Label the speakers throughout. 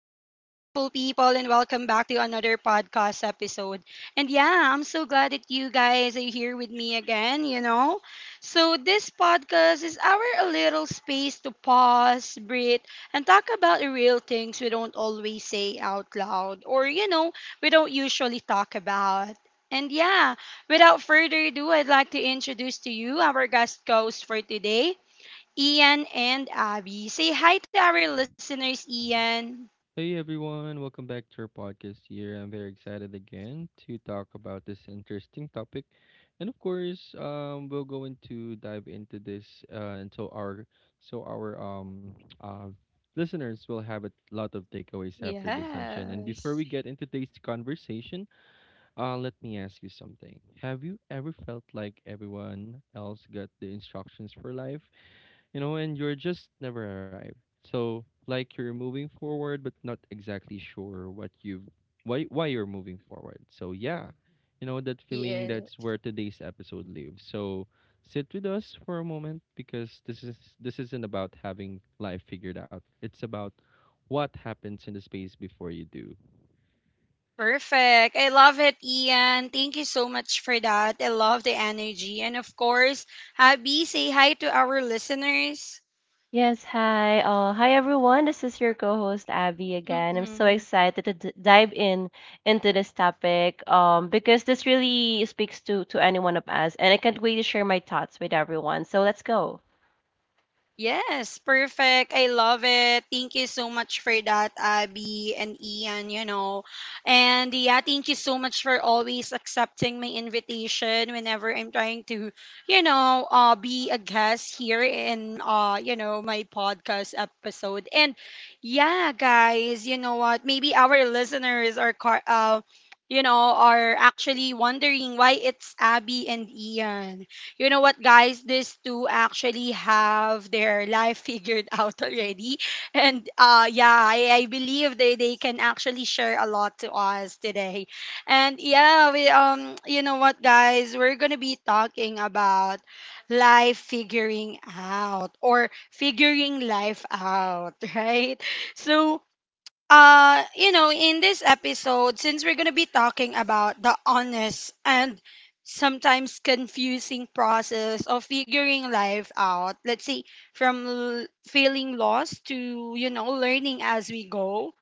Speaker 1: people, and welcome back to another podcast episode. I'm so glad that you guys are here with me again, you know. So, this podcast is our little space to pause, breathe, and talk about the real things we don't always say out loud or, you know, we don't usually talk about. And yeah, without further ado, I'd like to introduce to you our guest host for today. Ian and Abby. Say hi to our listeners, Ian.
Speaker 2: Hey everyone, welcome back to our podcast here. I'm very excited again to talk about this interesting topic. And of course, we're going to dive into this and so our uh listeners will have a lot of takeaways after this session. And
Speaker 1: Yes.
Speaker 2: before we get into today's conversation, let me ask you something. Have you ever felt like everyone else got the instructions for life? And you're just never arrived. So like you're moving forward but not exactly sure what you why you're moving forward. So yeah, you know that feeling?
Speaker 1: Yeah.
Speaker 2: That's where today's episode lives. So sit with us for a moment because this isn't about having life figured out. It's about what happens in the space before you do.
Speaker 1: Perfect. I love it, Ian. Thank you so much for that. I love the energy. And of course, Abby, say hi to our listeners.
Speaker 3: Yes, hi. Hi everyone. This is your co-host Abby again. I'm so
Speaker 1: Mhm.
Speaker 3: excited to d dive in into this topic because this really speaks to any one of us and I can't wait to share my thoughts with everyone. So let's go.
Speaker 1: Yes, perfect. I love it. Thank you so much for that, Abby and Ian, you know. Thank you so much for always accepting my invitation whenever I'm trying to, you know, be a guest here in, you know, my podcast episode. Guys, you know what? Maybe our listeners are, you know, are actually wondering why it's Abby and Ian. You know what, guys? These two actually have their life figured out already. And I believe they can actually share a lot to us today. And yeah, we you know what, guys, we're gonna be talking about life figuring out or figuring life out, right? So, you know, in this episode, since we're going to be talking about the honest and sometimes confusing process of figuring life out, let's say from feeling lost to, you know, learning as we go,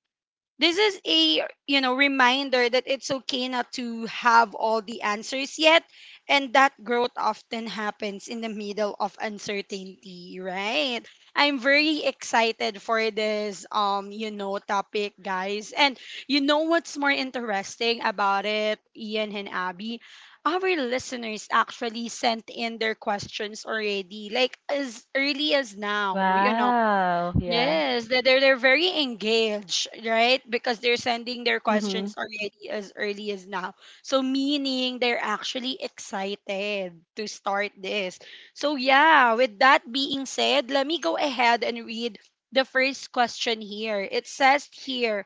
Speaker 1: this is a, you know, reminder that it's okay not to have all the answers yet, and that growth often happens in the middle of uncertainty, right? I'm very excited for this, you know, topic, guys. And you know what's more interesting about it, Ian and Abby? Our listeners actually sent in their questions already, like as early as now, you know.
Speaker 3: Wow. Yeah.
Speaker 1: Yes, they're very engaged, right? Because they're sending their
Speaker 3: Mm-hmm.
Speaker 1: questions already as early as now. So meaning they're actually excited to start this. So yeah, with that being said, let me go ahead and read the first question here. It says here,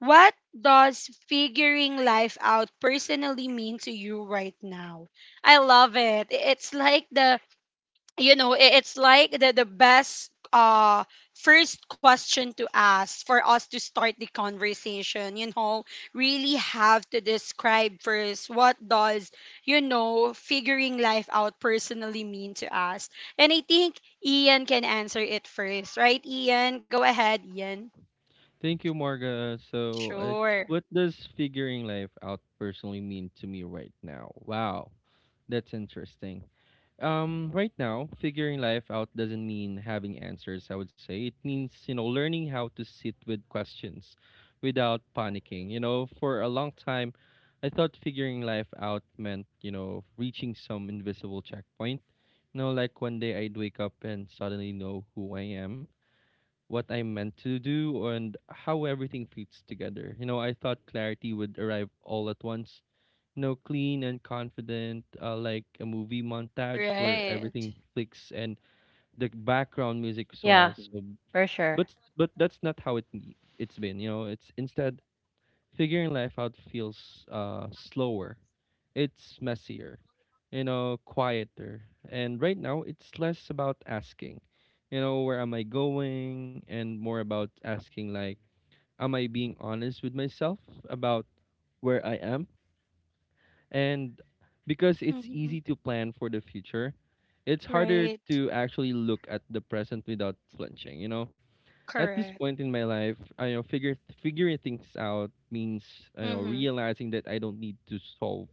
Speaker 1: what does figuring life out personally mean to you right now? I love it. It's like the, it's like the best first question to ask for us to start the conversation. You know, really have to describe first what does, you know, figuring life out personally mean to us. And I think Ian can answer it first, right? Ian, go ahead, Ian.
Speaker 2: Thank you, Marga. So
Speaker 1: Sure.
Speaker 2: what does figuring life out personally mean to me right now? Wow. That's interesting. Right now, figuring life out doesn't mean having answers, I would say. It means, you know, learning how to sit with questions without panicking. You know, for a long time, I thought figuring life out meant, you know, reaching some invisible checkpoint. You know, like one day I'd wake up and suddenly know who I am, what I'm meant to do, and how everything fits together. You know, I thought clarity would arrive all at once. No, clean and confident, like a movie montage where
Speaker 1: Right.
Speaker 2: everything clicks and the background music as
Speaker 3: Yeah,
Speaker 2: well. So,
Speaker 3: for sure.
Speaker 2: but that's not how it's been. You know, it's instead figuring life out feels slower, it's messier, you know, quieter. And right now, it's less about asking, you know, where am I going, and more about asking like, am I being honest with myself about where I am? And because it's
Speaker 1: Hmm.
Speaker 2: easy to plan for the future, it's harder
Speaker 1: Right.
Speaker 2: to actually look at the present without flinching, you know? At this
Speaker 1: Correct.
Speaker 2: point in my life, I know figure figuring things out means, you know,
Speaker 1: Mm-hmm.
Speaker 2: realizing that I don't need to solve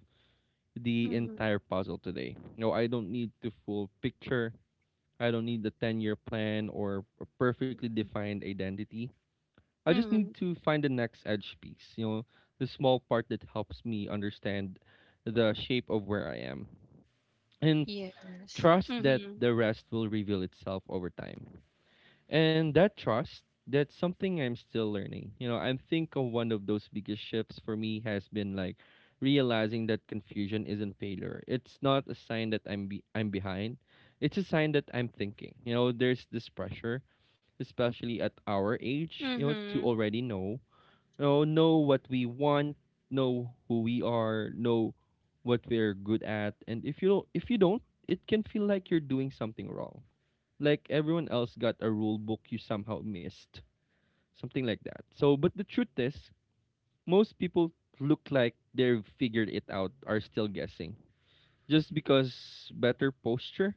Speaker 2: the
Speaker 1: Mm-hmm.
Speaker 2: entire puzzle today. No, I don't need the full picture. I don't need the 10-year plan or a perfectly defined identity. I just need
Speaker 1: Mm-hmm.
Speaker 2: to find the next edge piece, you know, the small part that helps me understand the shape of where I am and
Speaker 1: Yes.
Speaker 2: trust that
Speaker 1: Mm-hmm.
Speaker 2: the rest will reveal itself over time. And that trust, that's something I'm still learning. You know, I think of one of those biggest shifts for me has been like realizing that confusion isn't failure. It's not a sign that I'm behind. It's a sign that I'm thinking. You know, there's this pressure, especially at our age, you know, to
Speaker 1: Mm-hmm.
Speaker 2: already know, you know what we want, know who we are, know what we're good at, and if you don't, it can feel like you're doing something wrong. Like everyone else got a rule book you somehow missed, something like that. So, but the truth is, most people look like they've figured it out, are still guessing, just because better posture,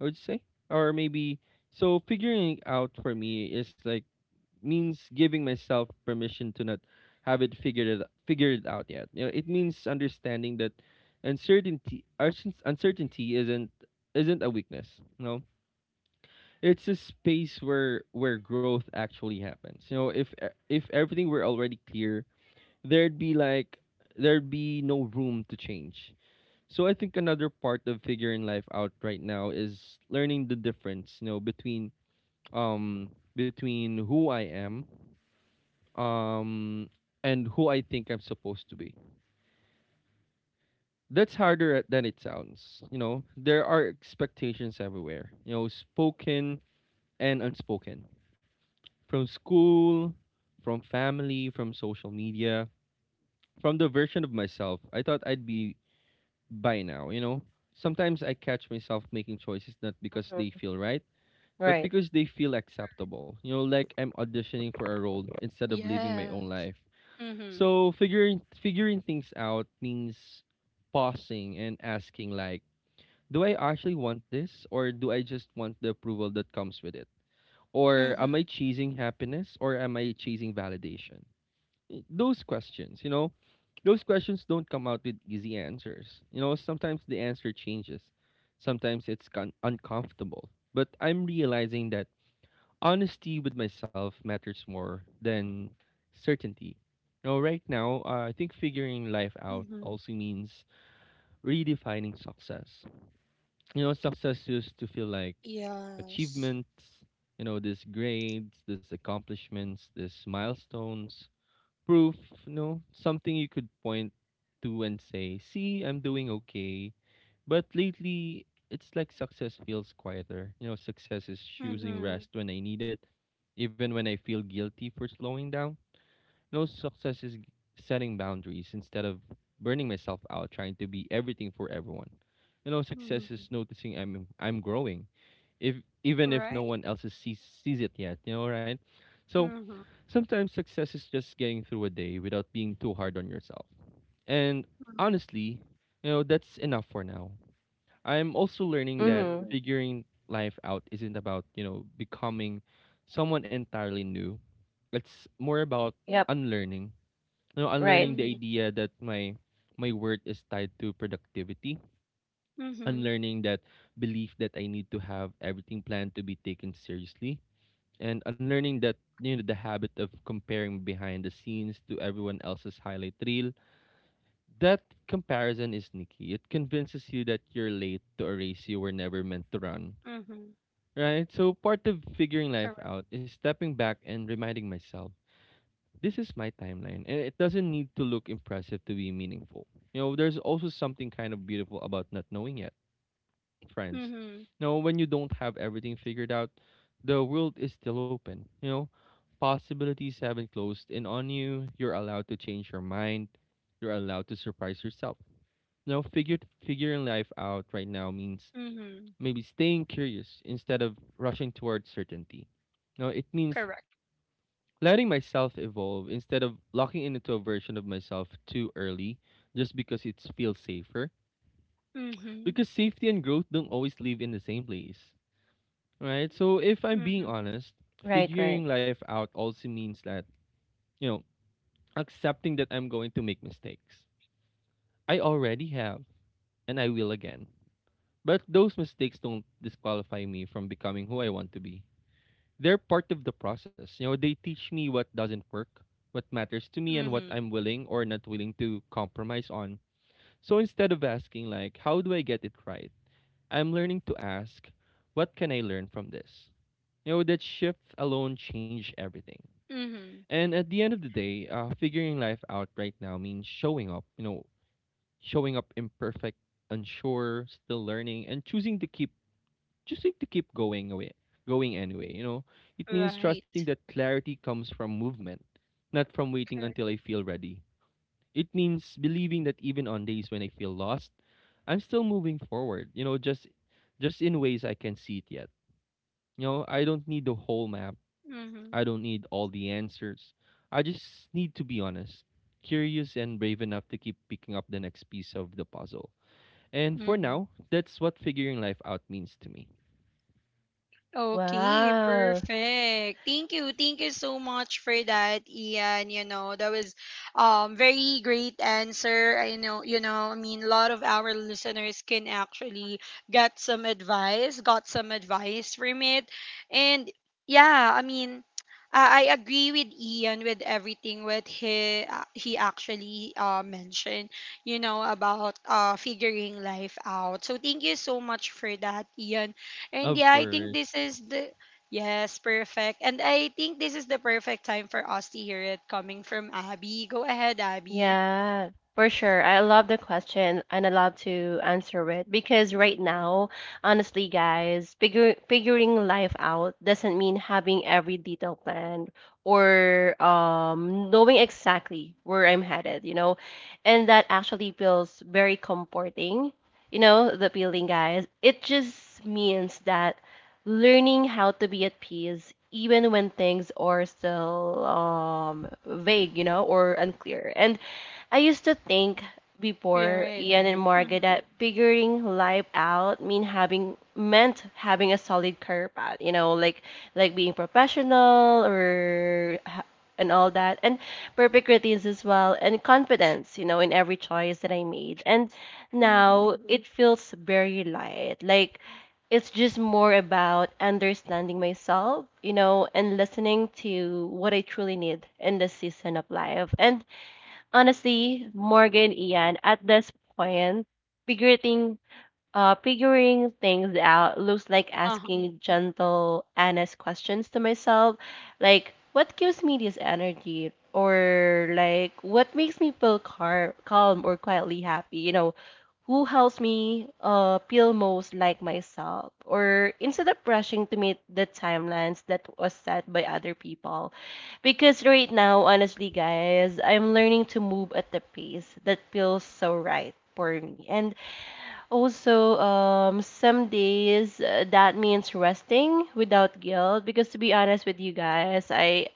Speaker 2: I would say, or maybe. So figuring out for me is like means giving myself permission to not have it figured out yet. You know, it means understanding that uncertainty isn't a weakness. You know, it's a space where growth actually happens. You know, if everything were already clear, there'd be like there'd be no room to change. So I think another part of figuring life out right now is learning the difference, you know, between between who I am um and who I think I'm supposed to be. That's harder than it sounds. You know, there are expectations everywhere, you know, spoken and unspoken. From school, from family, from social media, from the version of myself I thought I'd be by now, you know. Sometimes I catch myself making choices not because they
Speaker 3: Mhm.
Speaker 2: feel right, but
Speaker 3: Right.
Speaker 2: because they feel acceptable. You know, like I'm auditioning for a role instead of living my
Speaker 1: Yeah.
Speaker 2: own life.
Speaker 1: Mhm.
Speaker 2: So figuring things out means pausing and asking like, do I actually want this, or do I just want the approval that comes with it? Or am
Speaker 1: Mhm.
Speaker 2: I chasing happiness, or am I chasing validation? Those questions, you know, those questions don't come out with easy answers. You know, sometimes the answer changes. Sometimes it's uncomfortable. But I'm realizing that honesty with myself matters more than certainty. You know, right now, I think figuring life out
Speaker 1: Mhm.
Speaker 2: also means redefining success. You know, success used to feel like
Speaker 1: Yes.
Speaker 2: achievements, you know, these grades, these accomplishments, these milestones, proof, you know, something you could point to and say, see, I'm doing okay. But lately, it's like success feels quieter. You know, success is choosing
Speaker 1: Mhm.
Speaker 2: rest when I need it, even when I feel guilty for slowing down. No, success is setting boundaries instead of burning myself out trying to be everything for everyone. You know, success
Speaker 1: Mhm.
Speaker 2: is noticing I'm growing, if even if no
Speaker 1: Right.
Speaker 2: one else is sees sees it yet. You know, right? So
Speaker 1: Mhm.
Speaker 2: sometimes success is just getting through a day without being too hard on yourself. And
Speaker 1: Mhm.
Speaker 2: honestly, you know, that's enough for now. I'm also learning that
Speaker 3: Mm-hmm.
Speaker 2: figuring life out isn't about, you know, becoming someone entirely new. It's more about
Speaker 3: Yep.
Speaker 2: unlearning. You know,
Speaker 3: Right.
Speaker 2: unlearning the
Speaker 1: Mhm.
Speaker 2: idea that my worth is tied to productivity,
Speaker 1: Mhm.
Speaker 2: unlearning that belief that I need to have everything planned to be taken seriously, and unlearning, that, you know, the habit of comparing behind the scenes to everyone else's highlight reel. That comparison is sneaky. It convinces you that you're late to a race you were never meant to run.
Speaker 1: Mhm.
Speaker 2: Right? So part of figuring life
Speaker 1: Correct.
Speaker 2: out is stepping back and reminding myself, this is my timeline and it doesn't need to look impressive to be meaningful. You know, there's also something kind of beautiful about not knowing yet, friends.
Speaker 1: Mhm.
Speaker 2: You know, when you don't have everything figured out, the world is still open. You know, possibilities haven't closed in on you. You're allowed to change your mind. You're allowed to surprise yourself. You know, figure figuring life out right now means
Speaker 1: Mhm.
Speaker 2: maybe staying curious instead of rushing towards certainty. Now, it means
Speaker 1: Correct.
Speaker 2: letting myself evolve instead of locking in into a version of myself too early just because it feels safer.
Speaker 1: Mhm.
Speaker 2: Because safety and growth don't always live in the same place, right? So, if I'm being
Speaker 1: Mhm.
Speaker 2: honest,
Speaker 3: Right, right.
Speaker 2: figuring life out also means that, you know, accepting that I'm going to make mistakes. I already have, and I will again. But those mistakes don't disqualify me from becoming who I want to be. They're part of the process. You know, they teach me what doesn't work, what matters to me, and what
Speaker 1: Mhm.
Speaker 2: I'm willing or not willing to compromise on. So instead of asking, like, how do I get it right? I'm learning to ask, what can I learn from this? You know, that shift alone changed everything.
Speaker 1: Mhm.
Speaker 2: And at the end of the day, figuring life out right now means showing up, you know, showing up imperfect, unsure, still learning, and choosing to keep just need to keep going away, going anyway, you know? It means trusting
Speaker 1: Right.
Speaker 2: that clarity comes from movement, not from waiting
Speaker 1: Correct.
Speaker 2: until I feel ready. It means believing that even on days when I feel lost, I'm still moving forward, you know, just in ways I can see it yet. You know, I don't need the whole map. I
Speaker 1: Mhm.
Speaker 2: don't need all the answers. I just need to be honest, curious and brave enough to keep picking up the next piece of the puzzle. And for
Speaker 1: Mhm.
Speaker 2: now, that's what figuring life out means to me.
Speaker 1: Okay,
Speaker 3: Wow.
Speaker 1: perfect. Thank you. Thank you so much for that, Ian. You know, that was very great answer. I know, you know, I mean a lot of our listeners can actually get some advice, got some advice from it. And yeah, I mean, I agree with Ian with everything what he, he actually mentioned, you know, about figuring life out. So thank you so much for that, Ian. And
Speaker 2: Of
Speaker 1: yeah, I think
Speaker 2: course.
Speaker 1: this is the, yes, perfect. And I think this is the perfect time for us to hear it coming from Abby. Go ahead, Abby.
Speaker 3: Yeah, for sure. I love the question and I love to answer it because right now, honestly, guys, figuring life out doesn't mean having every detail planned or knowing exactly where I'm headed, you know? And that actually feels very comforting, you know, the feeling, guys. It just means that learning how to be at peace even when things are still vague, you know, or unclear. And I used to think
Speaker 1: You're
Speaker 3: before
Speaker 1: right.
Speaker 3: Ian and Margaret
Speaker 1: Mm-hmm.
Speaker 3: that figuring life out meant having a solid career path, you know, like being professional and all that, and perfect routines as well, and confidence, you know, in every choice that I made. And
Speaker 1: Mm-hmm.
Speaker 3: now it feels very light, like it's just more about understanding myself, you know, and listening to what I truly need in this season of life. And honestly, Morgan, Ian, at this point, figuring. figuring things out looks like
Speaker 1: Uh-huh.
Speaker 3: asking gentle, honest questions to myself, like what gives me this energy, or like what makes me feel calm or quietly happy. You know, who helps me feel most like myself, or instead of rushing to meet the timelines that was set by other people. Because right now, honestly, guys, I'm learning to move at the pace that feels so right for me, and also, some days that means resting without guilt. Because to be honest with you guys, I,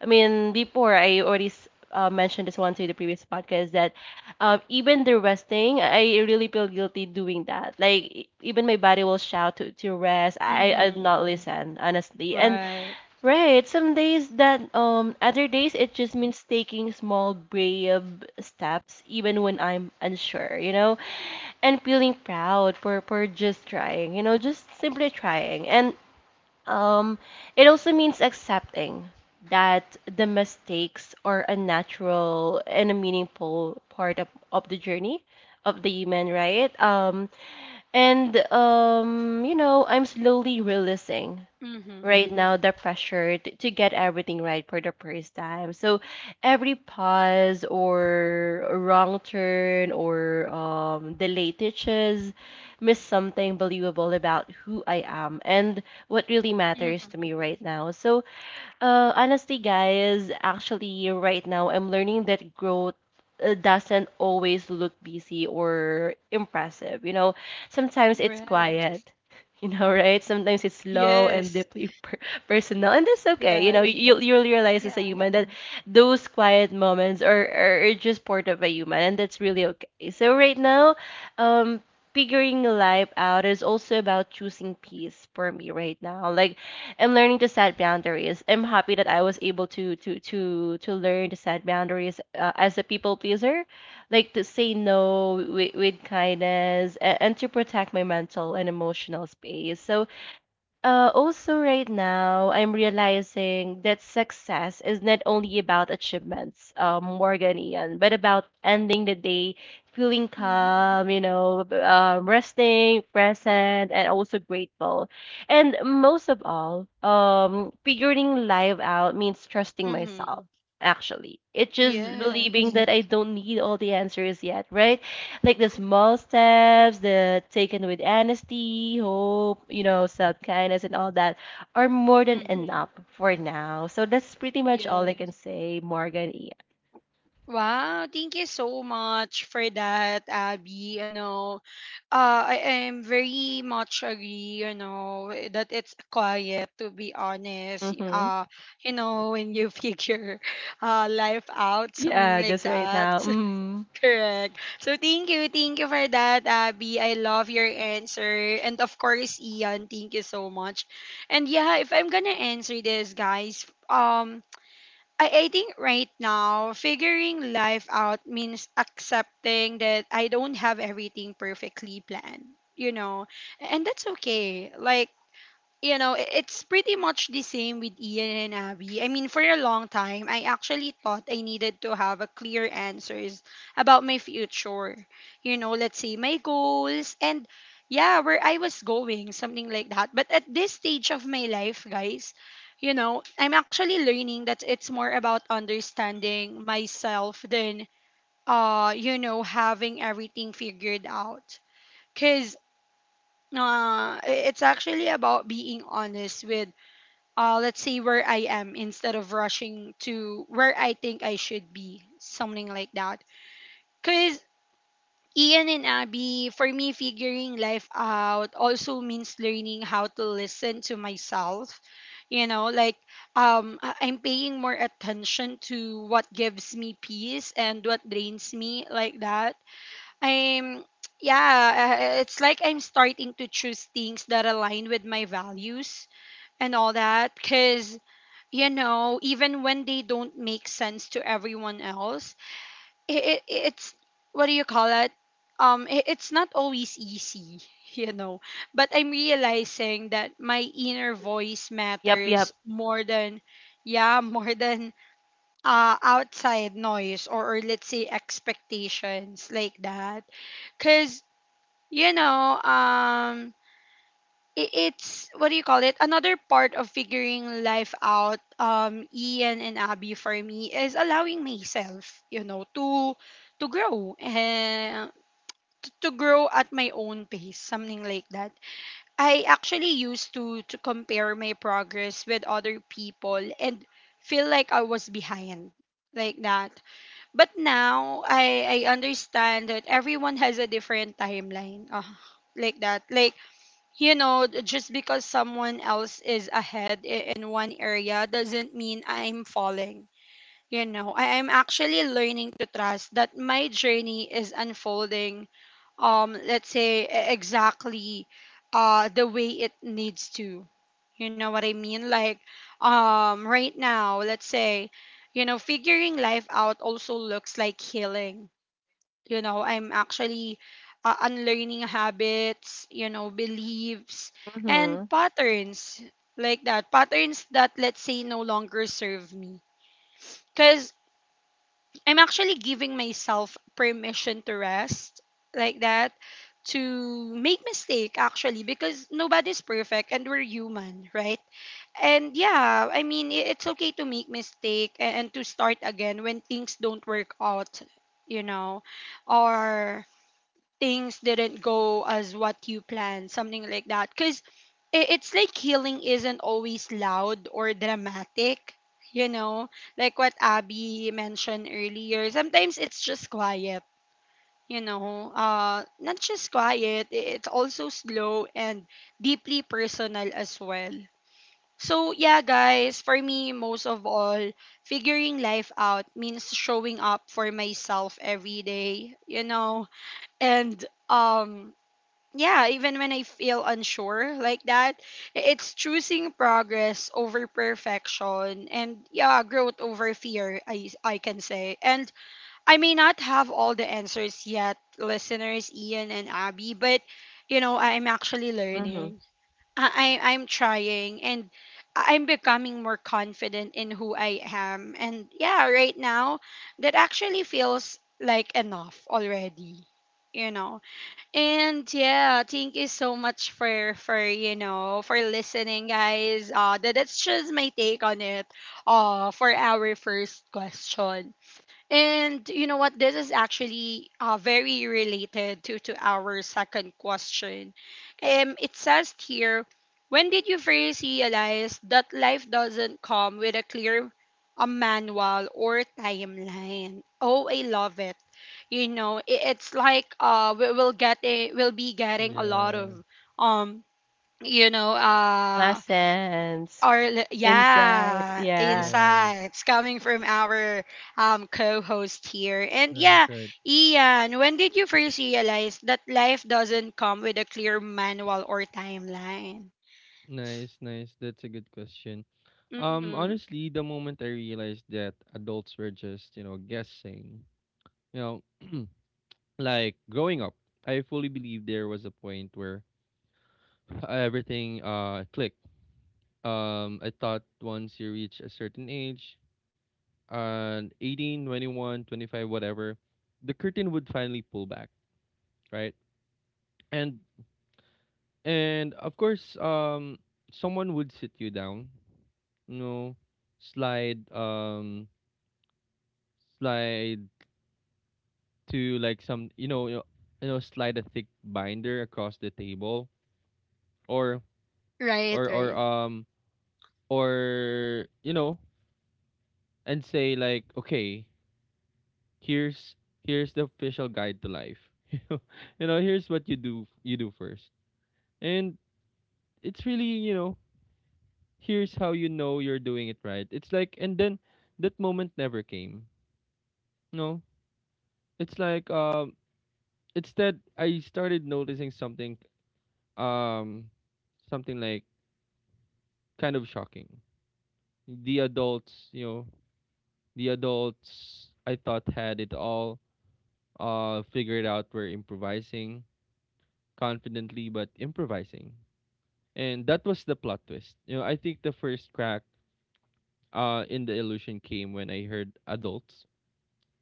Speaker 3: I mean, before I already mentioned this one to the previous podcast that even the resting, I really feel guilty doing that. Like even my body will shout to rest. I I'd
Speaker 1: Mm-hmm.
Speaker 3: not listen honestly, and
Speaker 1: Right.
Speaker 3: Right. Some days that other days it just means taking small brave steps even when I'm unsure, you know? And feeling proud for just trying, you know, just simply trying. And um it also means accepting that the mistakes are a natural and a meaningful part of the journey of the human, right? And you know, I'm slowly realizing
Speaker 1: Mm-hmm.
Speaker 3: right now the pressure to get everything right for the first time. So every pause or wrong turn or delayed hitches miss something believable about who I am and what really matters
Speaker 1: Mm-hmm.
Speaker 3: to me right now. So honestly, guys, actually, right now I'm learning that growth doesn't always look busy or impressive. You know, sometimes it's
Speaker 1: Right.
Speaker 3: quiet. You know, right? Sometimes it's slow and
Speaker 1: Yes.
Speaker 3: deeply personal, and that's okay. You know,
Speaker 1: Right.
Speaker 3: you'll realize
Speaker 1: Yeah.
Speaker 3: as a human that those quiet moments are are just part of a human, and that's really okay. So right now, um, figuring life out is also about choosing peace for me right now. Like I am learning to set boundaries. I'm happy that I was able to learn to set boundaries as a people pleaser, like to say no with kindness and to protect my mental and emotional space. So also, right now, I'm realizing that success is not only about achievements, Morgan Ian, but about ending the day feeling
Speaker 1: Mm-hmm.
Speaker 3: calm, you know, resting, present, and also grateful. And most of all, figuring life out means trusting
Speaker 1: Mm-hmm.
Speaker 3: myself, actually. It's just
Speaker 1: Yes.
Speaker 3: believing that I don't need all the answers yet, right? Like the small steps, the taken with honesty, hope, you know, self kindness, and all that are more than
Speaker 1: Mm-hmm.
Speaker 3: enough for now. So that's pretty much all I can say, Morgan. Yeah,
Speaker 1: Wow, thank you so much for that, Abby. You know, I am very much agree, you know, that it's quiet to be honest.
Speaker 3: hmm,
Speaker 1: You know, when you figure life out,
Speaker 3: yeah,
Speaker 1: something like
Speaker 3: just right
Speaker 1: that.
Speaker 3: now. Mm.
Speaker 1: Correct. So thank you for that, Abby. I love your answer. And of course, Ian, thank you so much. And yeah, if I'm gonna answer this, guys, I think right now, figuring life out means accepting that I don't have everything perfectly planned, you know, and that's okay. Like, you know, it's pretty much the same with Ian and Abby. I mean, for a long time, I actually thought I needed to have a clear answers about my future. You know, let's say my goals and yeah, where I was going, something like that. But at this stage of my life, guys, you know, I'm actually learning that it's more about understanding myself than, you know, having everything figured out. Cause uh, i- it's actually about being honest with, let's say where I am instead of rushing to where I think I should be, something like that. Because Ian and Abby, for me, figuring life out also means learning how to listen to myself. You know, like, I'm paying more attention to what gives me peace and what drains me, like that. I'm, yeah, it's like I'm starting to choose things that align with my values and all that. Because you know, even when they don't make sense to everyone else, it's, what do you call it? It's not always easy, you know. But I'm realizing that my inner voice
Speaker 3: Yep,
Speaker 1: matters
Speaker 3: yep.
Speaker 1: more than, yeah, more than outside noise, or let's say expectations like that. Cause you know, it's, what do you call it, another part of figuring life out, Ian and Abby, for me is allowing myself, you know, to grow and to grow at my own pace, something like that. I actually used to compare my progress with other people and feel like I was behind, like that. But now, I understand that everyone has a different timeline, like that. Like, you know, just because someone else is ahead, in one area, doesn't mean I'm falling. You know, I am actually learning to trust that my journey is unfolding, let's say exactly the way it needs to. You know what I mean? Like, right now, let's say, you know, figuring life out also looks like healing. You know, I'm actually, unlearning habits, you know, beliefs and
Speaker 3: Mm-hmm.
Speaker 1: patterns, like that, patterns that, let's say, no longer serve me. Because I'm actually giving myself permission to rest, like that, to make mistake actually, because nobody's perfect and we're human, right? And yeah, I mean, it's okay to make mistake, and to start again when things don't work out, you know, or things didn't go as what you planned, something like that. Because it's like healing isn't always loud or dramatic, you know, like what Abby mentioned earlier. Sometimes it's just quiet, you know, not just quiet, it's also slow and deeply personal as well. So, yeah, guys, for me, most of all, figuring life out means showing up for myself every day, you know, and um yeah, even when I feel unsure, like that, it's choosing progress over perfection, and yeah, growth over fear, I can say. And I may not have all the answers yet, listeners, Ian and Abby, but you know, I'm actually
Speaker 3: Mm-hmm.
Speaker 1: learning. I'm trying, and I'm becoming more confident in who I am. And yeah, right now, that actually feels like enough already. You know, and yeah, thank you so much for you know, for listening, guys. That's just my take on it. For our first question. And you know what? This is actually, very related to our second question. It says here, when did you first realize that life doesn't come with a clear, a manual or timeline? Oh, I love it. You know, I it's like, we will get a, we'll be getting a lot
Speaker 2: Yeah,
Speaker 1: of um, you know,
Speaker 3: Lessons, insights.
Speaker 1: yeah,
Speaker 3: Yeah,
Speaker 2: yes,
Speaker 1: insights coming from our, co-host here. And
Speaker 2: right,
Speaker 1: yeah,
Speaker 2: right.
Speaker 1: Ian, when did you first realize that life doesn't come with a clear manual or timeline?
Speaker 2: Nice, nice. That's a good question.
Speaker 1: Mm-hmm.
Speaker 2: Honestly, the moment I realized that adults were just, you know, guessing, you know, like growing up, I fully believe there was a point where everything clicked. I thought once you reach a certain age, and 18, 21, 25, whatever, the curtain would finally pull back, right? And And of course, someone would sit you down, you know, slide, um, slide to like some, slide a thick binder across the table, or
Speaker 1: Right,
Speaker 2: or or
Speaker 1: right,
Speaker 2: um, or you know, and say like, okay, here's here's the official guide to life. You know, here's what you do first, and it's really you know here's how you know you're doing it right. It's like, and then that moment never came. No. It's like, instead I started noticing something, um something like kind of shocking. The adults, you know, the adults I thought had it all figured out were improvising, confidently but improvising. And that was the plot twist. You know, I think the first crack in the illusion came when I heard adults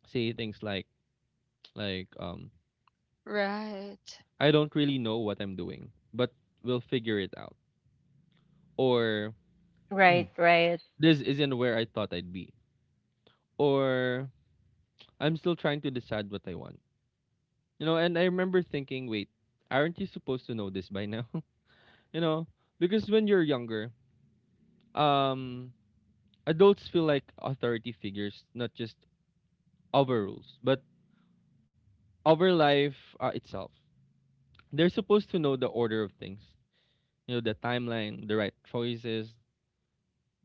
Speaker 2: say things like,
Speaker 1: right.
Speaker 2: I don't really know what I'm doing, but we'll figure it out. Or
Speaker 3: right, right,
Speaker 2: this isn't where I thought I'd be. Or I'm still trying to decide what I want. You know, and I remember thinking, wait, aren't you supposed to know this by now? you know, because when you're younger, um, adults feel like authority figures, not just over rules, but over life itself. They're supposed to know the order of things, you know, the timeline, the right choices,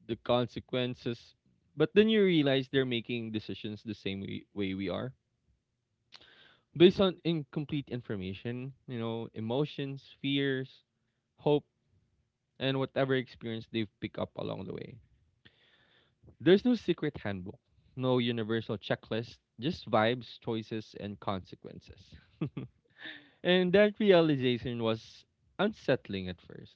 Speaker 2: the consequences. But then you realize they're making decisions the same way we are, based on incomplete information, you know, emotions, fears, hope, and whatever experience they've picked up along the way. There's no secret handbook, no universal checklist, just vibes, choices, and consequences. And that realization was unsettling at first.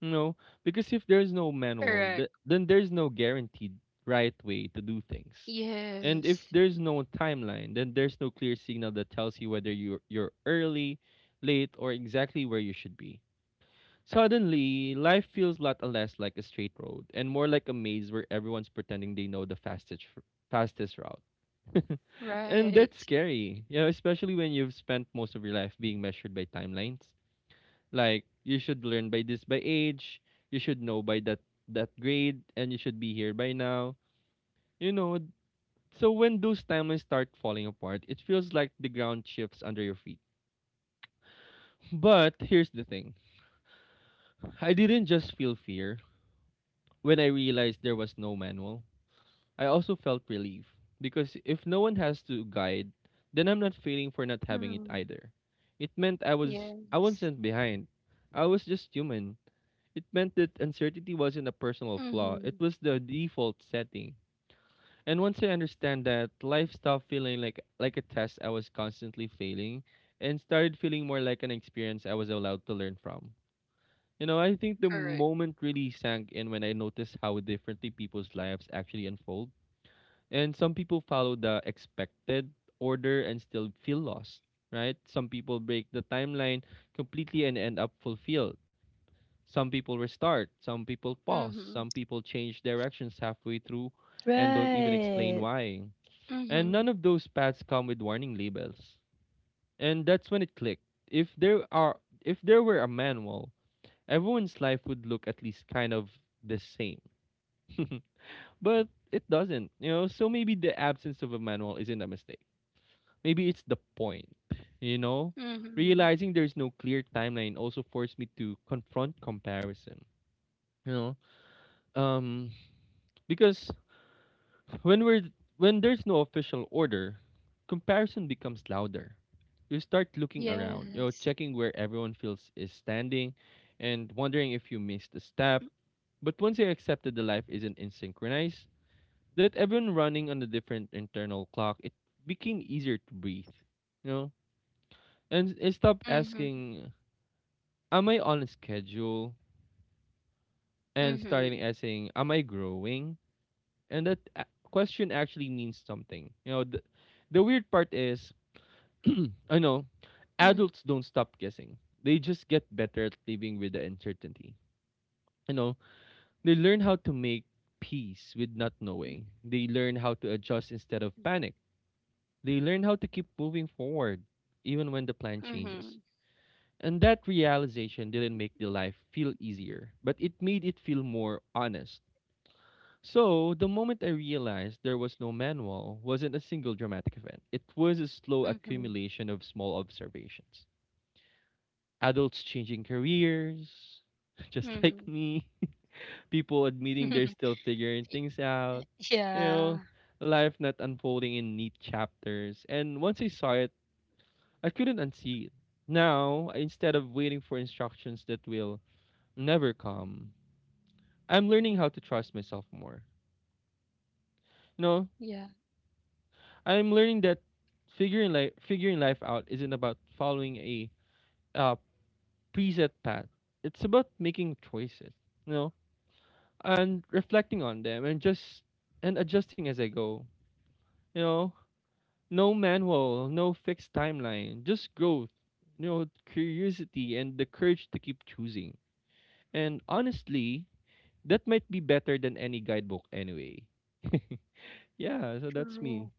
Speaker 2: No, because if there's no manual,
Speaker 1: Correct.
Speaker 2: then there's no guaranteed right way to do things. And if
Speaker 1: Yes.
Speaker 2: there's no timeline, then there's no clear signal that tells you whether you're early, late, or exactly where you should be. Suddenly, life feels a lot less like a straight road and more like a maze where everyone's pretending they know the fastest fastest route. And that's
Speaker 1: Right.
Speaker 2: scary, you know, especially when you've spent most of your life being measured by timelines. Like you should learn by this by age, you should know by that grade, and you should be here by now. You know, so when those timelines start falling apart, it feels like the ground shifts under your feet. But here's the thing. I didn't just feel fear when I realized there was no manual. I also felt relief because if no one has to guide, then I'm not failing for not having it
Speaker 1: Mm-hmm.
Speaker 2: either. It meant I was
Speaker 1: Yeah.
Speaker 2: I wasn't behind. I was just human. It meant that uncertainty wasn't a personal flaw, it
Speaker 1: Mm-hmm.
Speaker 2: was the default setting. And once I understand that, life stopped feeling like a test I was constantly failing and started feeling more like an experience I was allowed to learn from. You know, I think the
Speaker 1: Correct.
Speaker 2: moment really sank in when I noticed how differently people's lives actually unfold. And some people follow the expected order and still feel lost, right? Some people break the timeline completely and end up fulfilled, some people restart, some people pause,
Speaker 1: Mm-hmm.
Speaker 2: some people change directions halfway through and don't even explain
Speaker 3: right.
Speaker 2: why. And
Speaker 1: Mm-hmm.
Speaker 2: none of those paths come with warning labels. And that's when it clicked. If there are if there were a manual, everyone's life would look at least kind of the same. But it doesn't, you know? So maybe the absence of a manual isn't a mistake. Maybe it's the point, you know?
Speaker 1: Mm-hmm.
Speaker 2: Realizing there's no clear timeline also forced me to confront comparison. You know, because when we're when there's no official order, comparison becomes louder. You start looking around, you know,
Speaker 1: Yes.
Speaker 2: checking where everyone feels is standing and wondering if you missed a step.
Speaker 1: Mm-hmm.
Speaker 2: But once you accept that the life isn't in synchronized, that everyone running on a different internal clock, it became easier to breathe. You know? And I stopped
Speaker 1: Mm-hmm.
Speaker 2: asking, am I on a schedule? And started asking, am I growing? And that question actually means something. You know, the weird part is, I know,
Speaker 1: Mm-hmm.
Speaker 2: adults don't stop guessing. They just get better at living with the uncertainty. You know, they learn how to make peace with not knowing. They learn how to adjust instead of panic. They learn how to keep moving forward even when the plan
Speaker 1: Mhm.
Speaker 2: changes. And that realization didn't make the life feel easier, but it made it feel more honest. So, the moment I realized there was no manual wasn't a single dramatic event. It was a slow
Speaker 1: Mhm.
Speaker 2: accumulation of small observations. Adults changing careers, just like
Speaker 1: Mhm.
Speaker 2: me. People admitting they're still figuring things out. You
Speaker 1: Yeah.
Speaker 2: know, life not unfolding in neat chapters. And once I saw it, I couldn't unsee it. Now, instead of waiting for instructions that will never come, I'm learning how to trust myself more. No.
Speaker 1: Yeah.
Speaker 2: I'm learning that figuring life out isn't about following a uh, preset path. It's about making choices, you know, and reflecting on them and adjusting as I go. You know, no manual, no fixed timeline, just growth. You know, curiosity and the courage to keep choosing. And honestly, that might be better than any guidebook anyway. Yeah, so that's me.
Speaker 1: True.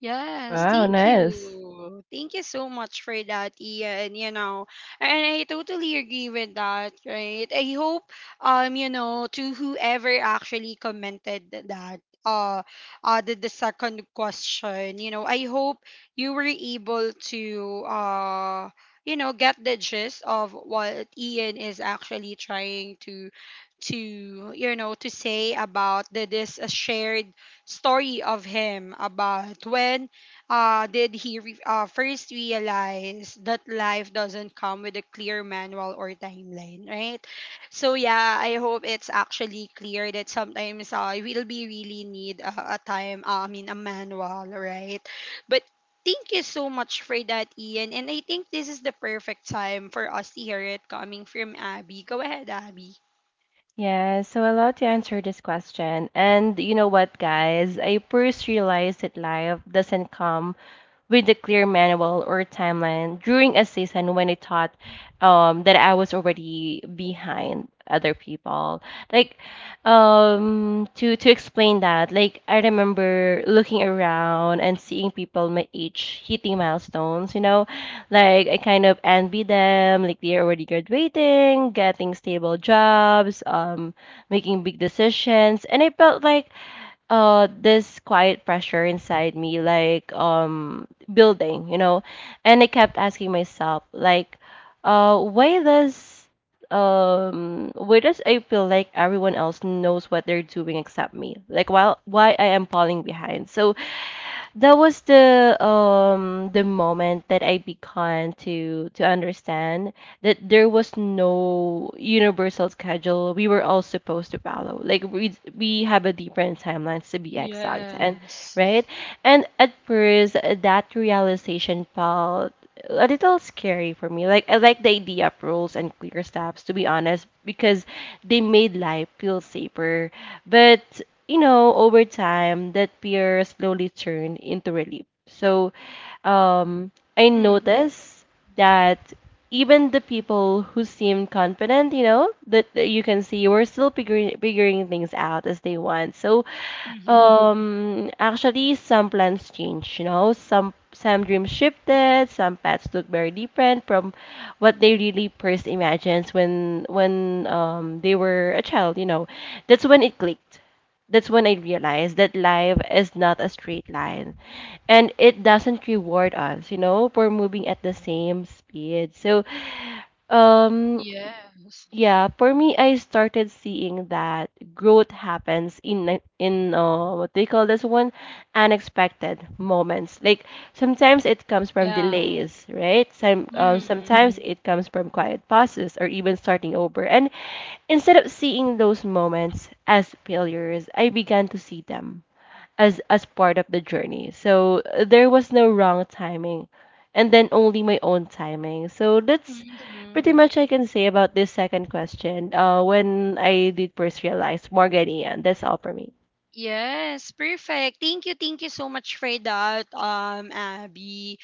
Speaker 1: Yes,
Speaker 3: Wow,
Speaker 1: thank
Speaker 3: nice.
Speaker 1: you. Thank you so much for that, Ian. You know, and I totally agree with that, right? I hope, you know, to whoever actually commented that, uh, the second question, you know, I hope you were able to, uh, you know, get the gist of what Ian is actually trying to, you know, to say about the this shared story of him about when, first realize that life doesn't come with a clear manual or timeline, right? So yeah, I hope it's actually clear that sometimes, we'll be really need a time, I mean a manual, right? But thank you so much for that, Ian. And I think this is the perfect time for us to hear it coming from Abby. Go ahead, Abby.
Speaker 3: Yeah, so I love to answer this question. And you know what, guys? I first realized that life doesn't come with a clear manual or timeline during a season when I thought that I was already behind other people. Like, to explain that, like I remember looking around and seeing people my age hitting milestones, you know, like I kind of envy them, like they're already graduating, getting stable jobs, making big decisions, and I felt like this quiet pressure inside me, like building, you know, and I kept asking myself, like, uh, why does why does I feel like everyone else knows what they're doing except me? Like, while why I am falling behind? So that was the moment that I began to understand that there was no universal schedule we were all supposed to follow. Like we have a different timelines to be exact and
Speaker 1: Yes.
Speaker 3: right. And at first that realization felt a little scary for me. Like I like the idea of rules and clear steps to be honest because they made life feel safer. But you know, over time that fear slowly turned into relief. So um I
Speaker 1: Mm-hmm.
Speaker 3: noticed that even the people who seemed confident, you know, that you can see were still figuring things out as they want. So
Speaker 1: Mm-hmm.
Speaker 3: actually, some plans change, you know, some dreams shifted, some paths look very different from what they really first imagined when they were a child, you know. That's when it clicked. That's when I realized that life is not a straight line and it doesn't reward us, you know, for moving at the same speed. So, um
Speaker 1: Yes.
Speaker 3: yeah, for me, I started seeing that growth happens in what they call this one, unexpected moments. Like sometimes it comes from
Speaker 1: Yeah.
Speaker 3: delays, right?
Speaker 1: Mm-hmm.
Speaker 3: Sometimes Mhm. it comes from quiet pauses or even starting over. And instead of seeing those moments as failures, I began to see them as part of the journey. So there was no wrong timing and then only my own timing. So that's pretty
Speaker 1: Mm-hmm.
Speaker 3: much I can say about this second question. When I did first realize Morgan Ian, that's all for me.
Speaker 1: Yes, perfect. Thank you so much for that, Abby.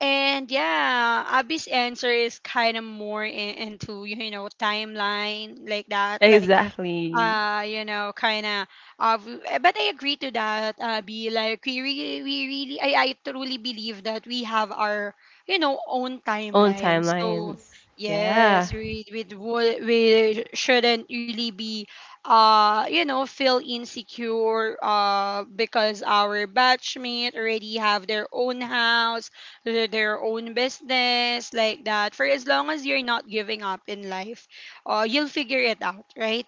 Speaker 1: And yeah, Abby's answer is kind of more in, into timeline like that, like
Speaker 3: Exactly.
Speaker 1: kind of but I agree to that be like we really I truly believe that we have our own
Speaker 3: Own
Speaker 1: timeline, so
Speaker 3: timelines. Yeah.
Speaker 1: yes, we shouldn't really be feel insecure because our batchmate already have their own house, their own business, like that. For as long as you're not giving up in life, you'll figure it out, right?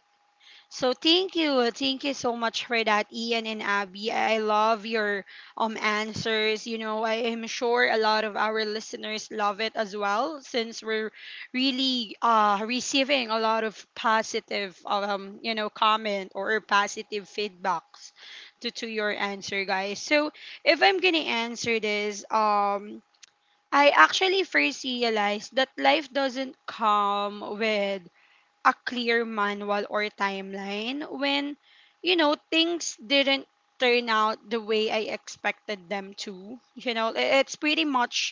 Speaker 1: So thank you so much for that, Ian and Abby. I love your answers. You know, I am sure a lot of our listeners love it as well, since we're really receiving a lot of positive comment or positive feedbacks to your answer, guys. So if I'm gonna answer this, I actually first realized that life doesn't come with a clear manual or timeline when, you know, things didn't turn out the way I expected them to. You know, it's pretty much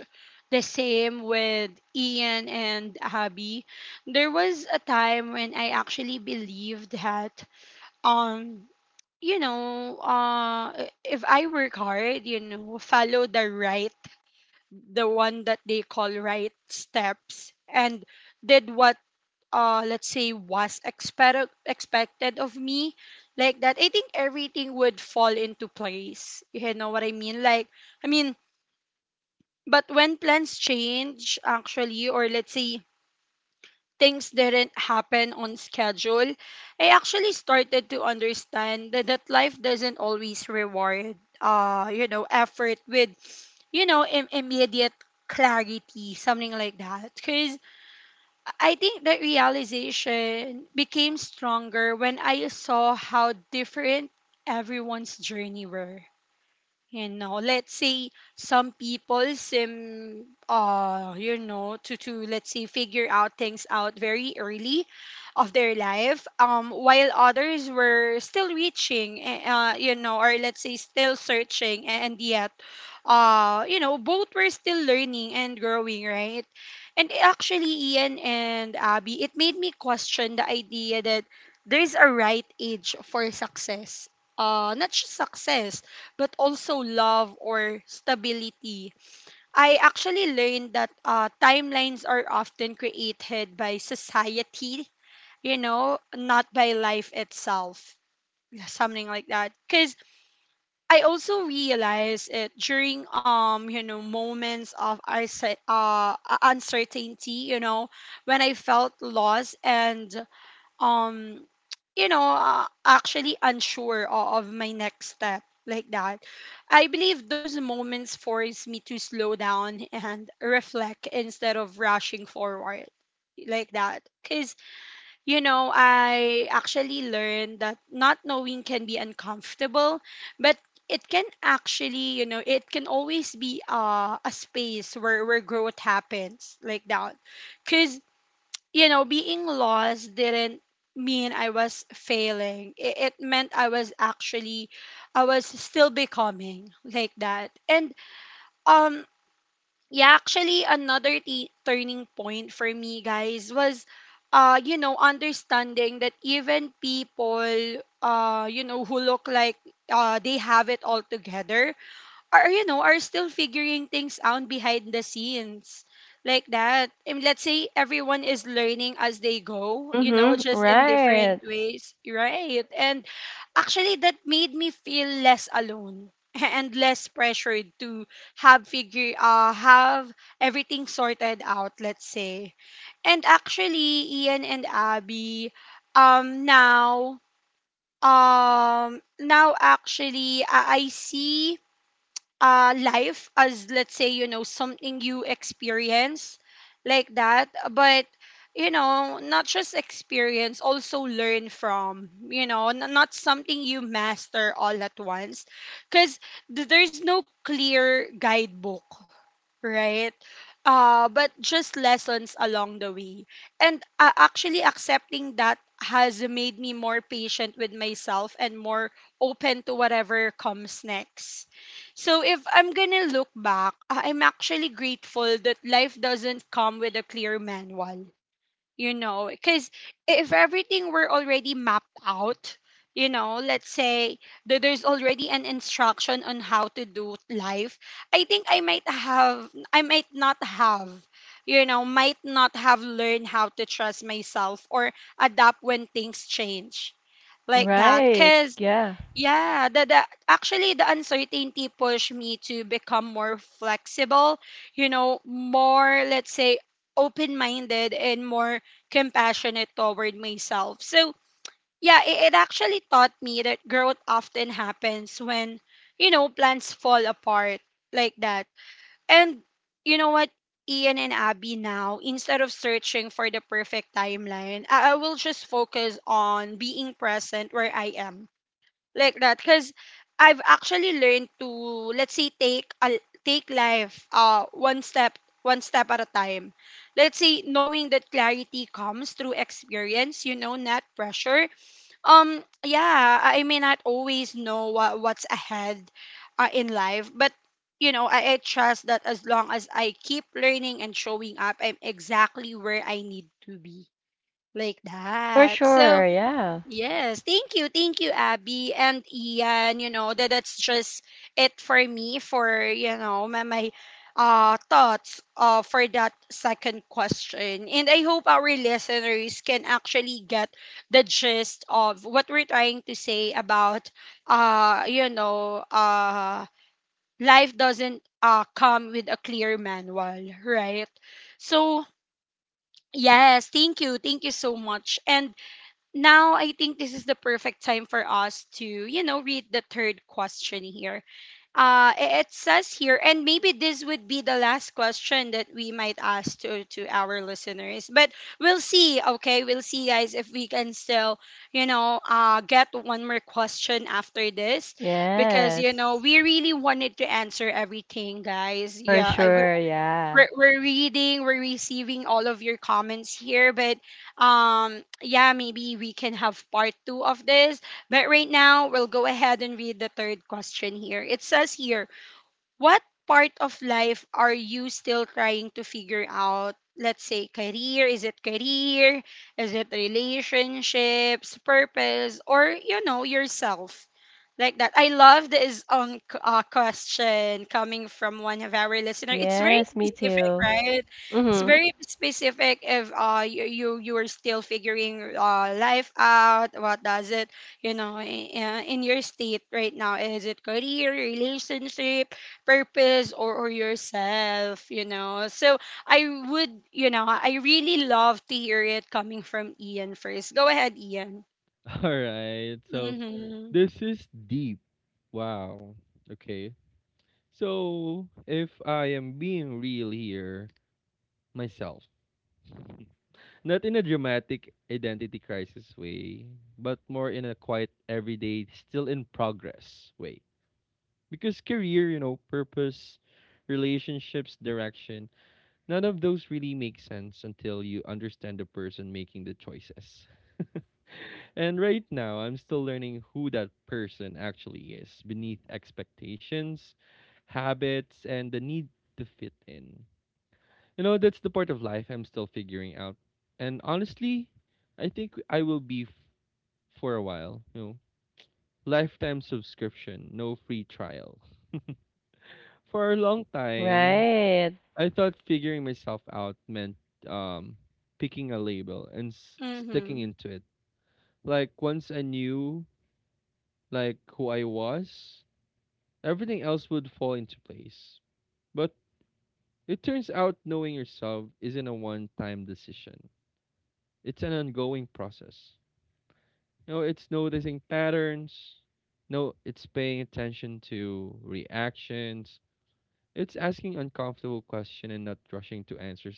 Speaker 1: the same with Ian and Abby. There was a time when I actually believed that, um, you know, if I work hard, you know, follow the right, the one that they call right steps, and did what let's say was expected of me, like that. I think everything would fall into place, you know what I mean? Like, I mean, but when plans change actually, or let's say things didn't happen on schedule, I actually started to understand that life doesn't always reward you know effort with immediate clarity, something like that. 'Cause I think that realization became stronger when I saw how different everyone's journey were. You know, let's say some people seem, you know, to let's say figure out things out very early of their life, while others were still reaching, you know, or let's say still searching, and yet you know both were still learning and growing, right? And actually, Ian and Abby, it made me question the idea that there's a right age for success. Not just success, but also love or stability. I actually learned that timelines are often created by society, you know, not by life itself. Yeah, something like that, because I also realized it during you know moments of I said uncertainty, you know, when I felt lost and um you know actually unsure of my next step, like that. I believe those moments force me to slow down and reflect instead of rushing forward, like that, cuz you know, I actually learned that not knowing can be uncomfortable, but it can actually, you know, it can always be a space where growth happens, like that. Because, you know, being lost didn't mean I was failing. It meant I was actually, I was still becoming, like that. And um yeah, actually, another turning point for me, guys, was, you know, understanding that even people, you know, who look like they have it all together, are you know are still figuring things out behind the scenes, like that. And let's say everyone is learning as they go, you know,
Speaker 3: Mhm.
Speaker 1: just in different
Speaker 3: Right.
Speaker 1: ways, right? And actually, that made me feel less alone and less pressured to have everything sorted out, let's say. And actually, Ian and Abby, um now now actually I see life as, let's say, you know, something you experience, like that, but you know, not just experience, also learn from, you know, not something you master all at once, because there's no clear guidebook, right? But just lessons along the way. And actually, accepting that has made me more patient with myself and more open to whatever comes next. So, if I'm gonna look back, I'm actually grateful that life doesn't come with a clear manual, you know, because if everything were already mapped out, you know, let's say that there's already an instruction on how to do life, I think I might not have, you know, might not have learned how to trust myself or adapt when things change, like that.
Speaker 3: Right.
Speaker 1: Because
Speaker 3: Yeah.
Speaker 1: yeah, the actually the uncertainty pushed me to become more flexible, you know, more let's say open-minded and more compassionate toward myself. So, yeah, it actually taught me that growth often happens when, you know, plans fall apart, like that. And you know what, Ian and Abby, now, instead of searching for the perfect timeline, I will just focus on being present where I am, like that, because I've actually learned to let's say take life one step at a time. Let's say knowing that clarity comes through experience, you know, not pressure. Yeah, I may not always know what's ahead in life, but you know, I trust that as long as I keep learning and showing up, I'm exactly where I need to be. Like
Speaker 3: For
Speaker 1: that.
Speaker 3: sure.
Speaker 1: So,
Speaker 3: Yeah.
Speaker 1: yes, thank you, Abby and Ian. You know, that that's just it for me for you know my thoughts for that second question, and I hope our listeners can actually get the gist of what we're trying to say about uh you know uh life doesn't come with a clear manual, right? So yes, thank you so much, and now I think this is the perfect time for us to, you know, read the third question here. It says here, and maybe this would be the last question that we might ask to our listeners, but we'll see, okay? We'll see, guys, if we can still, you know, get one more question after this because, you know,
Speaker 3: Yes.
Speaker 1: we really wanted to answer everything, guys.
Speaker 3: For
Speaker 1: Yeah, I,
Speaker 3: sure. Yeah.
Speaker 1: we're receiving all of your comments here, but yeah, maybe we can have part two of this, but right now we'll go ahead and read the third question here. It says here, what part of life are you still trying to figure out? Let's say career. Is it career? Is it relationships, purpose, or you know yourself? Like that. I love this question coming from one of our listeners. It's very
Speaker 3: Yes, me
Speaker 1: specific,
Speaker 3: too.
Speaker 1: right? It's
Speaker 3: Mhm.
Speaker 1: very specific if you're still figuring life out. What does it you know in your state right now? Is it career, relationship? Purpose or yourself, you know. So I would, you know, I really love to hear it coming from Ian first. Go ahead, Ian.
Speaker 2: All right. So.
Speaker 1: Mhm.
Speaker 2: This is deep. Wow. Okay. So, if I am being real here, myself, not in a dramatic identity crisis way, but more in a quiet, everyday, still in progress way. Because career, you know, purpose, relationships, direction, none of those really make sense until you understand the person making the choices. And right now, I'm still learning who that person actually is beneath expectations, habits, and the need to fit in. You know, that's the part of life I'm still figuring out. And honestly, I think I will be for a while. You know, lifetime subscription, no free trial. For a long time,
Speaker 3: Right.
Speaker 2: I thought figuring myself out meant um, picking a label and sticking
Speaker 1: Mhm.
Speaker 2: into it. Like once I knew like who I was, everything else would fall into place. But it turns out knowing yourself isn't a one time decision, it's an ongoing process. You know, it's noticing patterns, no, it's paying attention to reactions, it's asking uncomfortable questions and not rushing to answer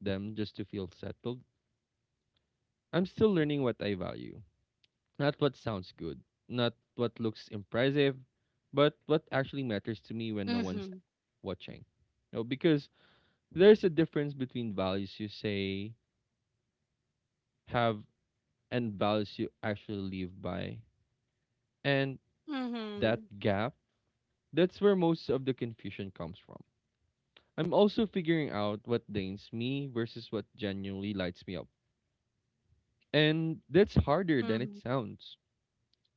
Speaker 2: them just to feel settled. I'm still learning what I value. Not what sounds good, not what looks impressive, but what actually matters to me when no one's
Speaker 1: Mhm.
Speaker 2: watching. You know, because there's a difference between values you say have and values you actually live by. And that
Speaker 1: Mhm.
Speaker 2: gap, that's where most of the confusion comes from. I'm also figuring out what drains me versus what genuinely lights me up. And that's harder than it
Speaker 1: Mhm.
Speaker 2: sounds.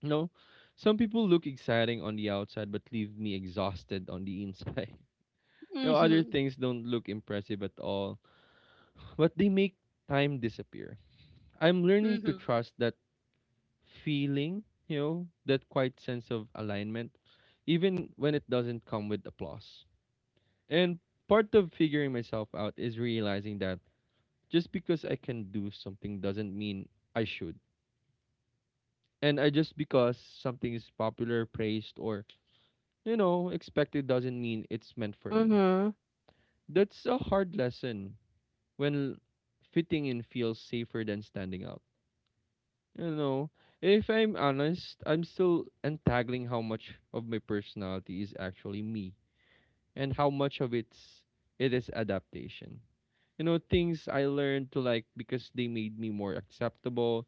Speaker 2: You know, some people look exciting on the outside but leave me exhausted on the inside. You know, other
Speaker 1: Mhm.
Speaker 2: things don't look impressive at all, but they make time disappear. I'm learning to
Speaker 1: Mhm.
Speaker 2: trust that feeling, you know, that quiet sense of alignment, even when it doesn't come with applause. And part of figuring myself out is realizing that just because I can do something doesn't mean I should. And I just because something is popular, praised, or, you know, expected doesn't mean it's meant for me.
Speaker 3: Mhm.
Speaker 2: That's a hard lesson when fitting in feels safer than standing out. You know, if I'm honest, I'm still untangling how much of my personality is actually me and how much of it is adaptation. You know, things I learned to like because they made me more acceptable,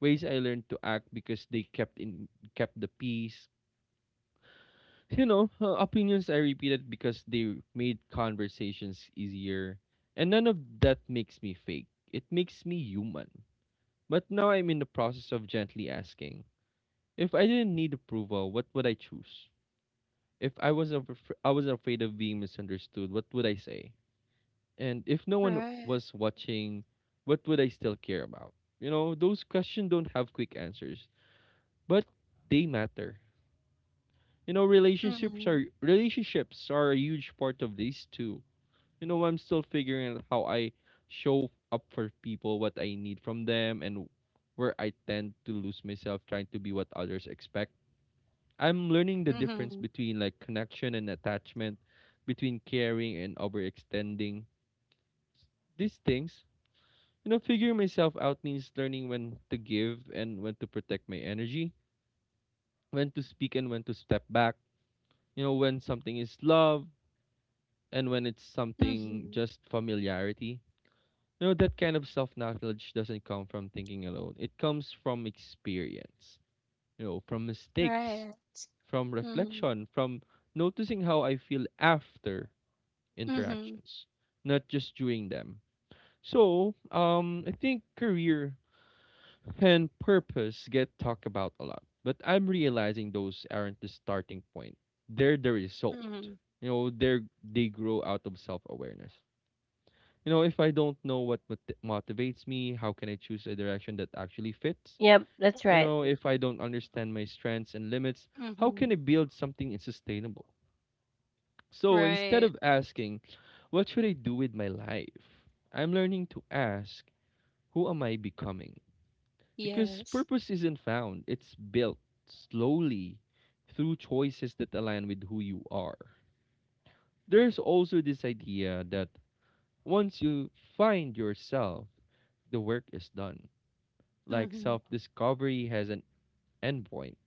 Speaker 2: ways I learned to act because they kept the peace. You know, opinions I repeated because they made conversations easier. And none of that makes me fake. It makes me human. But now I'm in the process of gently asking, if I didn't need approval, what would I choose? If I was afraid of being misunderstood, what would I say? And if no one
Speaker 1: Right.
Speaker 2: was watching, what would I still care about? You know, those questions don't have quick answers, but they matter. You know, relationships are
Speaker 1: Mhm.
Speaker 2: relationships are a huge part of these too. You know, I'm still figuring out how I show up for people, what I need from them, and where I tend to lose myself trying to be what others expect. I'm learning the difference
Speaker 1: Mhm.
Speaker 2: between like connection and attachment, between caring and overextending. S- These things, you know, figuring myself out means learning when to give and when to protect my energy, when to speak and when to step back, you know, when something is love and when it's something
Speaker 1: Mhm.
Speaker 2: just familiarity. No, that kind of self-knowledge doesn't come from thinking alone. It comes from experience, you know, from mistakes,
Speaker 1: Right.
Speaker 2: from
Speaker 1: Mhm.
Speaker 2: reflection, from noticing how I feel after
Speaker 1: Mhm.
Speaker 2: interactions, not just during them. So, I think career and purpose get talked about a lot, but I'm realizing those aren't the starting point. They're the result.
Speaker 1: Mhm.
Speaker 2: You know, they grow out of self-awareness. You know, if I don't know what motivates me, how can I choose a direction that actually fits?
Speaker 3: Yep, that's
Speaker 2: You
Speaker 3: right.
Speaker 2: know, if I don't understand my strengths and limits, how can I
Speaker 1: Mhm.
Speaker 2: build something sustainable? So instead
Speaker 1: Right.
Speaker 2: of asking, what should I do with my life? I'm learning to ask, who am I becoming? Because
Speaker 1: Yes.
Speaker 2: purpose isn't found, it's built slowly through choices that align with who you are. There's also this idea that once you find yourself, the work is done. Like
Speaker 1: Mhm.
Speaker 2: self discovery has an endpoint.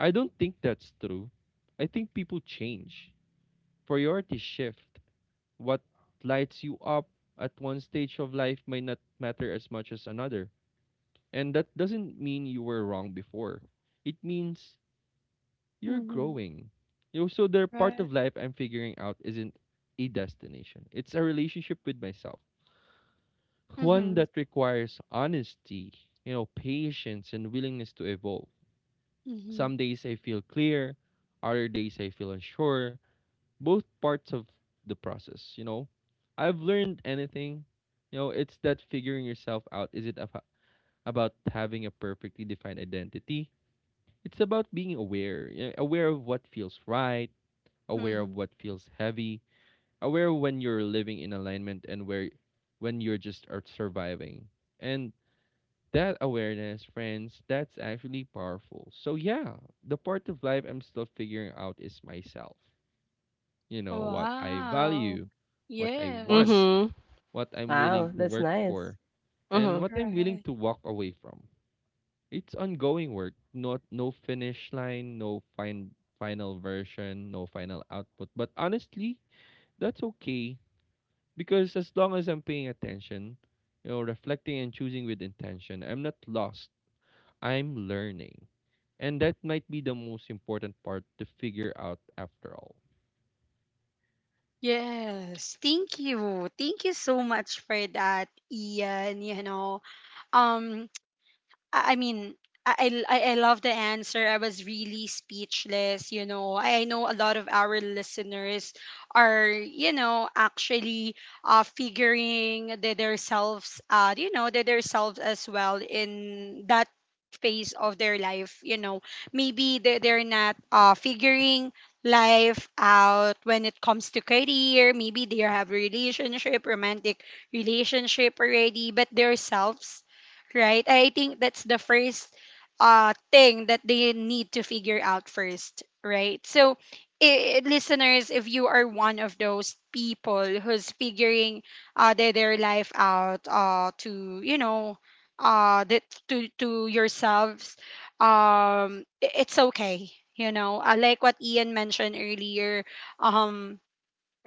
Speaker 2: I don't think that's true. I think people change. Priorities shift. What lights you up at one stage of life may not matter as much as another. And that doesn't mean you were wrong before. It means you're
Speaker 1: Mhm.
Speaker 2: growing. You know, so the part
Speaker 1: Right.
Speaker 2: of life I'm figuring out isn't a destination. It's a relationship with myself. One
Speaker 1: Mhm.
Speaker 2: that requires honesty, you know, patience and willingness to evolve.
Speaker 1: Mhm.
Speaker 2: Some days I feel clear, other days I feel unsure. Both parts of the process, you know. I've learned anything, you know, it's that figuring yourself out. Is it about having a perfectly defined identity? It's about being aware, you know, aware of what feels right, aware of
Speaker 1: Mhm.
Speaker 2: what feels heavy, aware when you're living in alignment and where when you're just are surviving. And that awareness, friends, that's actually powerful. So, yeah, the part of life I'm still figuring out is myself. You know, what I value,
Speaker 1: Wow.
Speaker 2: what I want,
Speaker 1: Yes.
Speaker 3: Mhm.
Speaker 2: what I'm willing
Speaker 3: Wow,
Speaker 2: to
Speaker 3: that's
Speaker 2: work
Speaker 3: nice.
Speaker 2: for, and
Speaker 3: Mhm.
Speaker 2: what I'm willing
Speaker 1: Right.
Speaker 2: to walk away from. It's ongoing work, not no finish line, no final version, no final output. But honestly, that's okay because as long as I'm paying attention, you know, reflecting and choosing with intention, I'm not lost. I'm learning. And that might be the most important part to figure out after all.
Speaker 1: Yes. Thank you. Thank you so much for that, Ian. You know, um, I mean, I love the answer. I was really speechless. You know, I know a lot of our listeners are, you know, actually figuring their selves out, you know, their selves as well in that phase of their life. You know, maybe they're not figuring life out when it comes to career. Maybe they have relationship, romantic relationship already, but their selves, right? I think that's the first thing that they need to figure out first, right? So, I listeners, if you are one of those people who's figuring their life out you know, uh, that to yourselves, it's okay. You know, like what Ian mentioned earlier, um,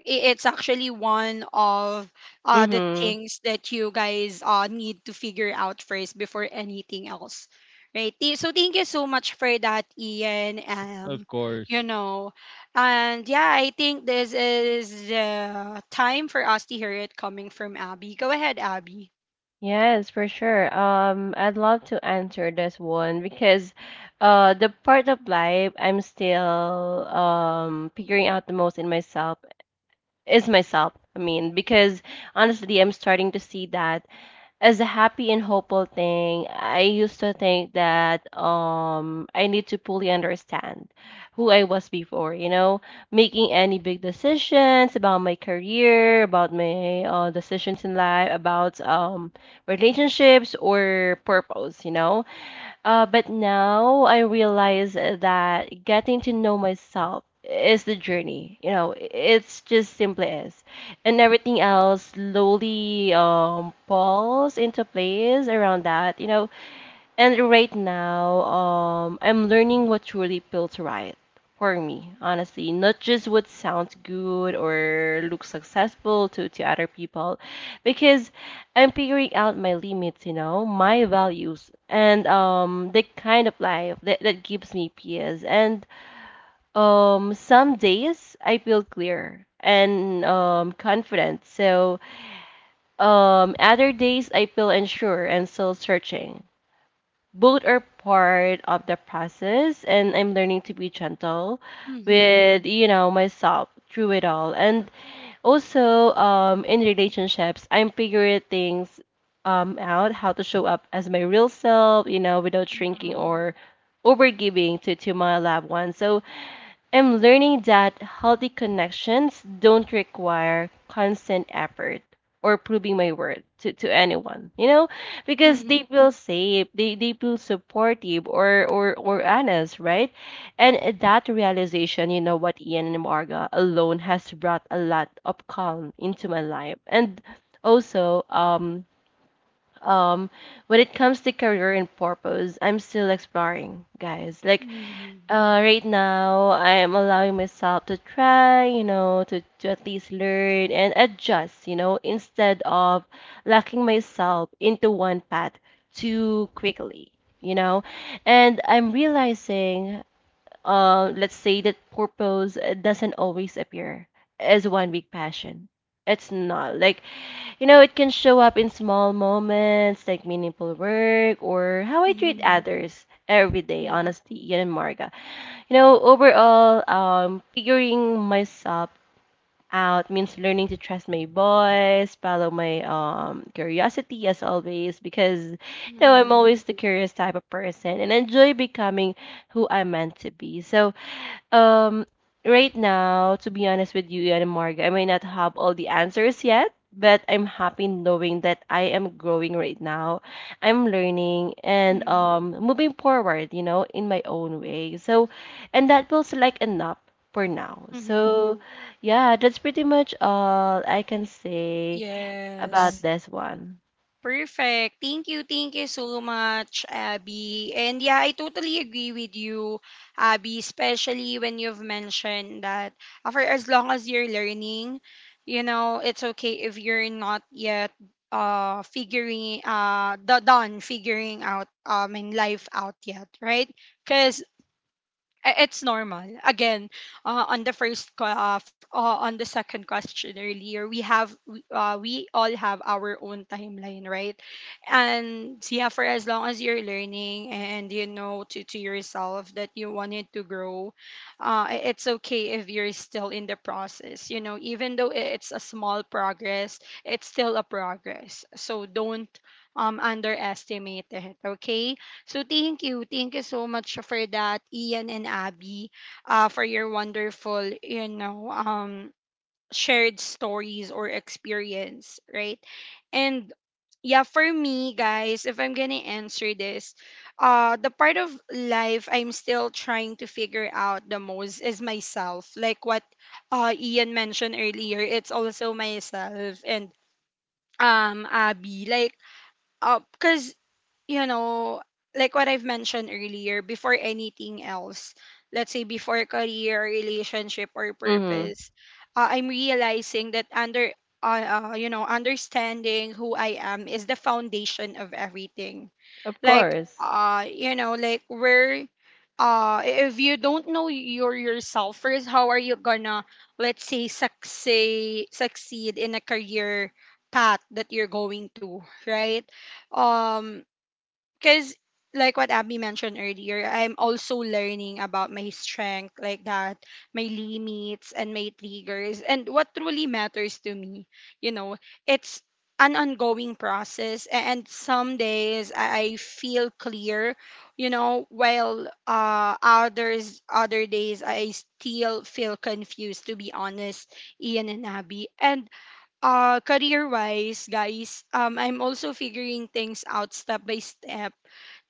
Speaker 1: it's actually one of the
Speaker 3: Mhm.
Speaker 1: things that you guys need to figure out first before anything else, right? So thank you so much for that, Ian.
Speaker 2: Of
Speaker 1: You
Speaker 2: course.
Speaker 1: know, and yeah, I think this is the time for us to hear it coming from Abby. Go ahead, Abby.
Speaker 3: Yes, for sure. I'd love to answer this one because the part of life I'm still figuring out the most in myself is myself. I mean, because honestly, I'm starting to see that as a happy and hopeful thing. I used to think that I need to fully understand who I was before, you know, making any big decisions about my career, about my decisions in life, about relationships or purpose, you know, but now I realize that getting to know myself is the journey. You know, it's just simply is, and everything else slowly falls into place around that. You know, and right now, I'm learning what truly feels right for me, honestly. Not just what sounds good or looks successful to other people, because I'm figuring out my limits, you know, my values, and the kind of life that gives me peace. And some days I feel clear and confident. So other days I feel unsure and still searching. Both are part of the process and I'm learning to be gentle
Speaker 1: Mm-hmm.
Speaker 3: with you know myself through it all. And also in relationships I'm figuring things out, how to show up as my real self, you know, without shrinking
Speaker 1: Mm-hmm.
Speaker 3: or overgiving to my loved ones. So I'm learning that healthy connections don't require constant effort or proving my worth to anyone, you know, because
Speaker 1: Mm-hmm.
Speaker 3: they feel safe, they feel supportive or honest, right? And that realization, you know what, Ian and Marga alone has brought a lot of calm into my life. And also, um, when it comes to career and purpose, I'm still exploring, guys. Like,
Speaker 1: Mm-hmm.
Speaker 3: right now, I'm allowing myself to try, you know, to at least learn and adjust, you know, instead of locking myself into one path too quickly, you know. And I'm realizing, let's say that purpose doesn't always appear as one big passion. It's not like you know, it can show up in small moments like meaningful work or how I treat
Speaker 1: Mm-hmm.
Speaker 3: others every day,
Speaker 1: Yeah.
Speaker 3: honestly, yun and Marga. You know, overall, figuring myself out means learning to trust my voice, follow my curiosity as always, because, you know, I'm
Speaker 1: Mm-hmm.
Speaker 3: always the curious type of person and enjoy becoming who I'm meant to be. So, um, right now, to be honest with you, Ian and Marga, I may not have all the answers yet, but I'm happy knowing that I am growing right now. I'm learning and
Speaker 1: Mm-hmm.
Speaker 3: moving forward, you know, in my own way. So, and that feels like enough for now.
Speaker 1: Mm-hmm.
Speaker 3: So, yeah, that's pretty much all I can say about
Speaker 1: Yes.
Speaker 3: this one.
Speaker 1: Perfect. Thank you. Thank you so much, Abby. And yeah, I totally agree with you, Abby, especially when you've mentioned that for as long as you're learning, you know, it's okay if you're not yet done figuring out in life out yet, right? Because it's normal. Again, on the first, on the second question earlier, we have, we all have our own timeline, right? And yeah, for as long as you're learning and you know to yourself that you wanted to grow, it's okay if you're still in the process. You know, even though it's a small progress, it's still a progress. So don't underestimate it, okay? So thank you. Thank you so much for that, Ian and Abby, for your wonderful, shared stories or experience, right? And yeah, for me, guys, if I'm gonna answer this, the part of life I'm still trying to figure out the most is myself. Like what Ian mentioned earlier, it's also myself and Abby. Like because you know, like what I've mentioned earlier, before anything else, let's say before career, relationship, or
Speaker 3: Mm-hmm.
Speaker 1: purpose, I'm realizing that you know, understanding who I am is the foundation of everything.
Speaker 3: Of
Speaker 1: Like,
Speaker 3: course.
Speaker 1: you know, if you don't know yourself first, how are you gonna, let's say, succeed in a career path that you're going to, right? Um, because like what Abby mentioned earlier, I'm also learning about my strength like that, my limits and my triggers and what truly matters to me. You know, it's an ongoing process and some days I feel clear, you know, while other days I still feel confused to be honest, Ian and Abby. And career wise guys, I'm also figuring things out step by step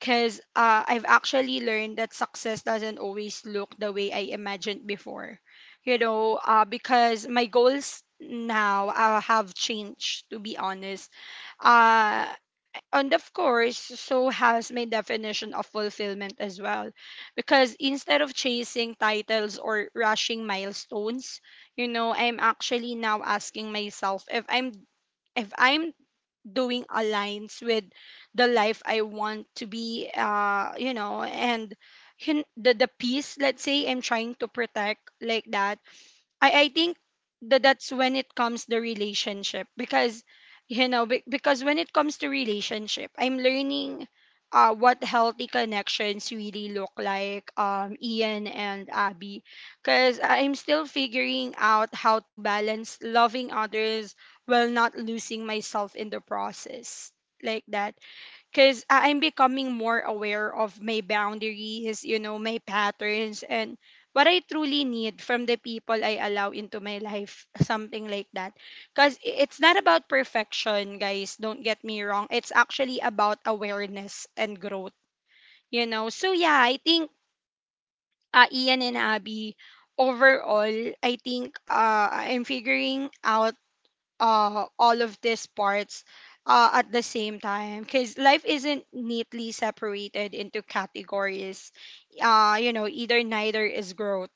Speaker 1: because I've actually learned that success doesn't always look the way I imagined before. You know, because my goals now have changed, to be honest. Uh, and of course, so has my definition of fulfillment as well. Because instead of chasing titles or rushing milestones, you know, I'm actually now asking myself if I'm doing aligns with the life I want to be, you know, and the peace, let's say, I'm trying to protect like that. I think that's when it comes the relationship because because when it comes to relationship, I'm learning what healthy connections really look like, Ian and Abby, because I'm still figuring out how to balance loving others while not losing myself in the process like that, because I'm becoming more aware of my boundaries, you know, my patterns, and what I truly need from the people I allow into my life, something like that. Because it's not about perfection, guys, don't get me wrong. It's actually about awareness and growth, you know. So, yeah, I think Ian and Abby, overall, I think I'm figuring out all of these parts at the same time because life isn't neatly separated into categories, you know, either neither is growth,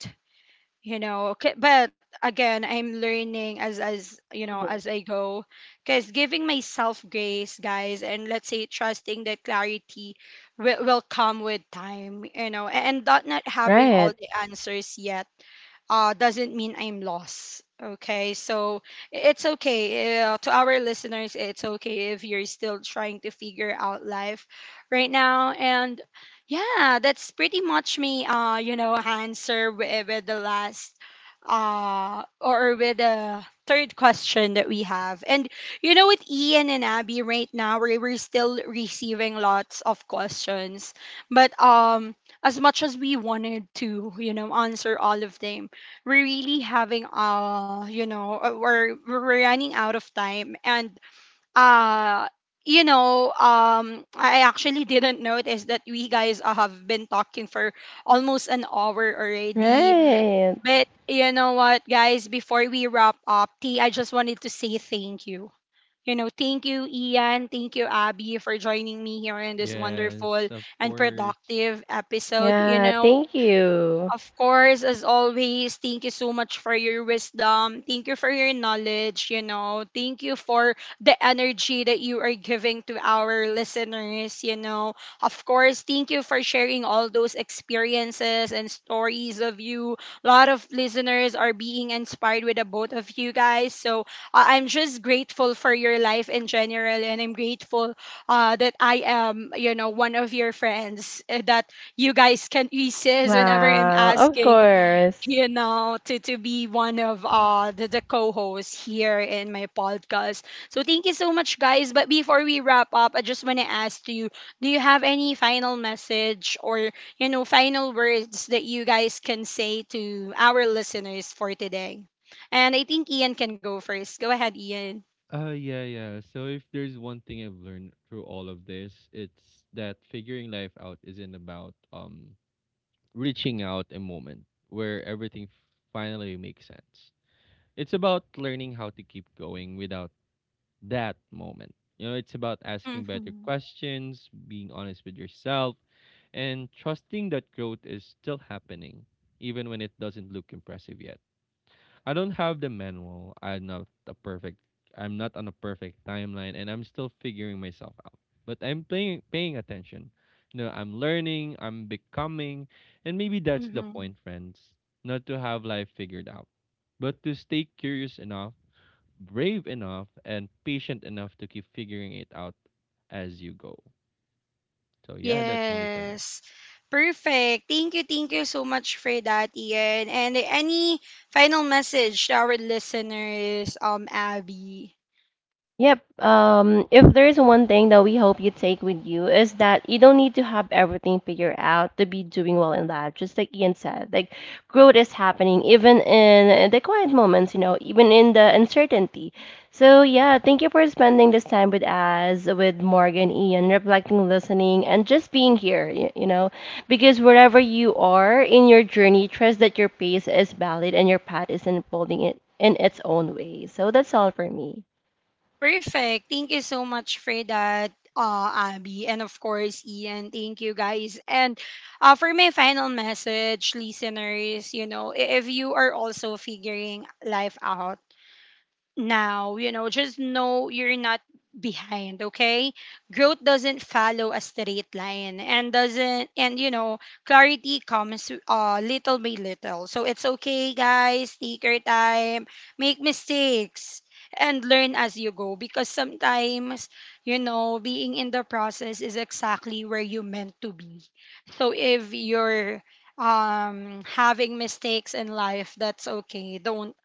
Speaker 1: you know. Okay, but again, I'm learning as you know
Speaker 3: Hmm.
Speaker 1: as I go, because giving myself grace, guys, and let's say trusting that clarity will come with time, you know, and not having all
Speaker 3: Right.
Speaker 1: the answers yet doesn't mean I'm lost. Okay, so it's okay. To our listeners, it's okay if you're still trying to figure out life right now. And yeah, that's pretty much me, answer with the last or with the third question that we have. And you know, with Ian and Abby right now, we're still receiving lots of questions, but as much as we wanted to, you know, answer all of them, we're really having, we're running out of time. And uh you know, I actually didn't notice that we guys, have been talking for almost an hour already.
Speaker 3: Right.
Speaker 1: But you know what, guys, before we wrap up, t I just wanted to say thank you, you know. Thank you, Ian. Thank you, Abby, for joining me here in this
Speaker 2: Yes,
Speaker 1: wonderful
Speaker 2: of
Speaker 1: and
Speaker 2: course.
Speaker 1: productive episode, you
Speaker 3: Yeah,
Speaker 1: know.
Speaker 3: thank you.
Speaker 1: Of course, as always, thank you so much for your wisdom. Thank you for your knowledge, you know. Thank you for the energy that you are giving to our listeners, you know. Of course, thank you for sharing all those experiences and stories of you. A lot of listeners are being inspired with the both of you guys. So I'm just grateful for your life in general, and I'm grateful that I am, you know, one of your friends, that you guys can insist whenever I'm
Speaker 3: Wow, of
Speaker 1: asking,
Speaker 3: course.
Speaker 1: you know, to be one of the co-hosts here in my podcast. So thank you so much, guys. But before we wrap up, I just wanna ask you, do you have any final message or, you know, final words that you guys can say to our listeners for today? And I think Ian can go first. Go ahead, Ian.
Speaker 2: Yeah, yeah. So if there's one thing I've learned through all of this, it's that figuring life out isn't about reaching out a moment where everything finally makes sense. It's about learning how to keep going without that moment. You know, it's about asking better
Speaker 1: Hmm.
Speaker 2: questions, being honest with yourself, and trusting that growth is still happening, even when it doesn't look impressive yet. I don't have the manual. I'm not a perfect. I'm not on a perfect timeline, and I'm still figuring myself out. But I'm paying attention. You know, I'm learning. I'm becoming, and maybe that's the
Speaker 1: Hmm.
Speaker 2: point, friends. Not to have life figured out, but to stay curious enough brave enough and patient enough to keep figuring it out as you go. So yeah, that's only for me.
Speaker 1: Yes. Perfect. Thank you so much for that, Ian. And any final message to our listeners, Abby?
Speaker 3: Yep. If there's one thing that we hope you take with you is that you don't need to have everything figured out to be doing well in life. Just like Ian said, like growth is happening even in the quiet moments, you know, even in the uncertainty. So yeah, thank you for spending this time with us, with Morgan, Ian, reflecting, listening, and just being here. You know, because wherever you are in your journey, trust that your pace is valid and your path is unfolding it in its own way. So that's all for me.
Speaker 1: Perfect. Thank you so much for that, Abby. And of course, Ian, thank you guys. And for my final message, listeners, you know, if you are also figuring life out, now, you know, just know you're not behind, okay? Growth doesn't follow a straight line, and doesn't and you know, clarity comes little by little. So it's okay, guys. Take your time, make mistakes and learn as you go, because sometimes, you know, being in the process is exactly where you meant to be. So if you're having mistakes in life, that's okay. Don't,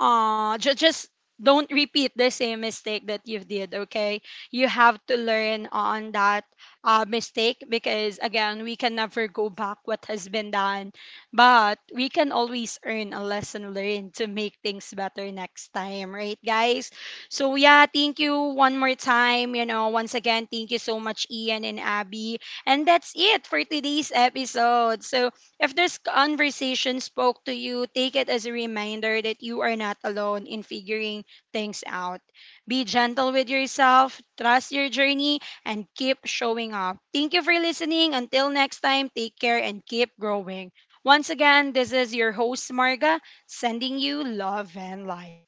Speaker 1: just don't repeat the same mistake that you did, okay? You have to learn on that mistake, because again, we can never go back what has been done, but we can always earn a lesson learned to make things better next time, right, guys? So yeah, thank you one more time, you know. Once again, thank you so much, Ian and Abby, and that's it for today's episode. So if this conversation spoke to you, take it as a reminder that you are not alone in figuring things out. Be gentle with yourself, trust your journey, and keep showing up. Thank you for listening. Until next time, take care and keep growing. Once again, this is your host, Marga, sending you love and light.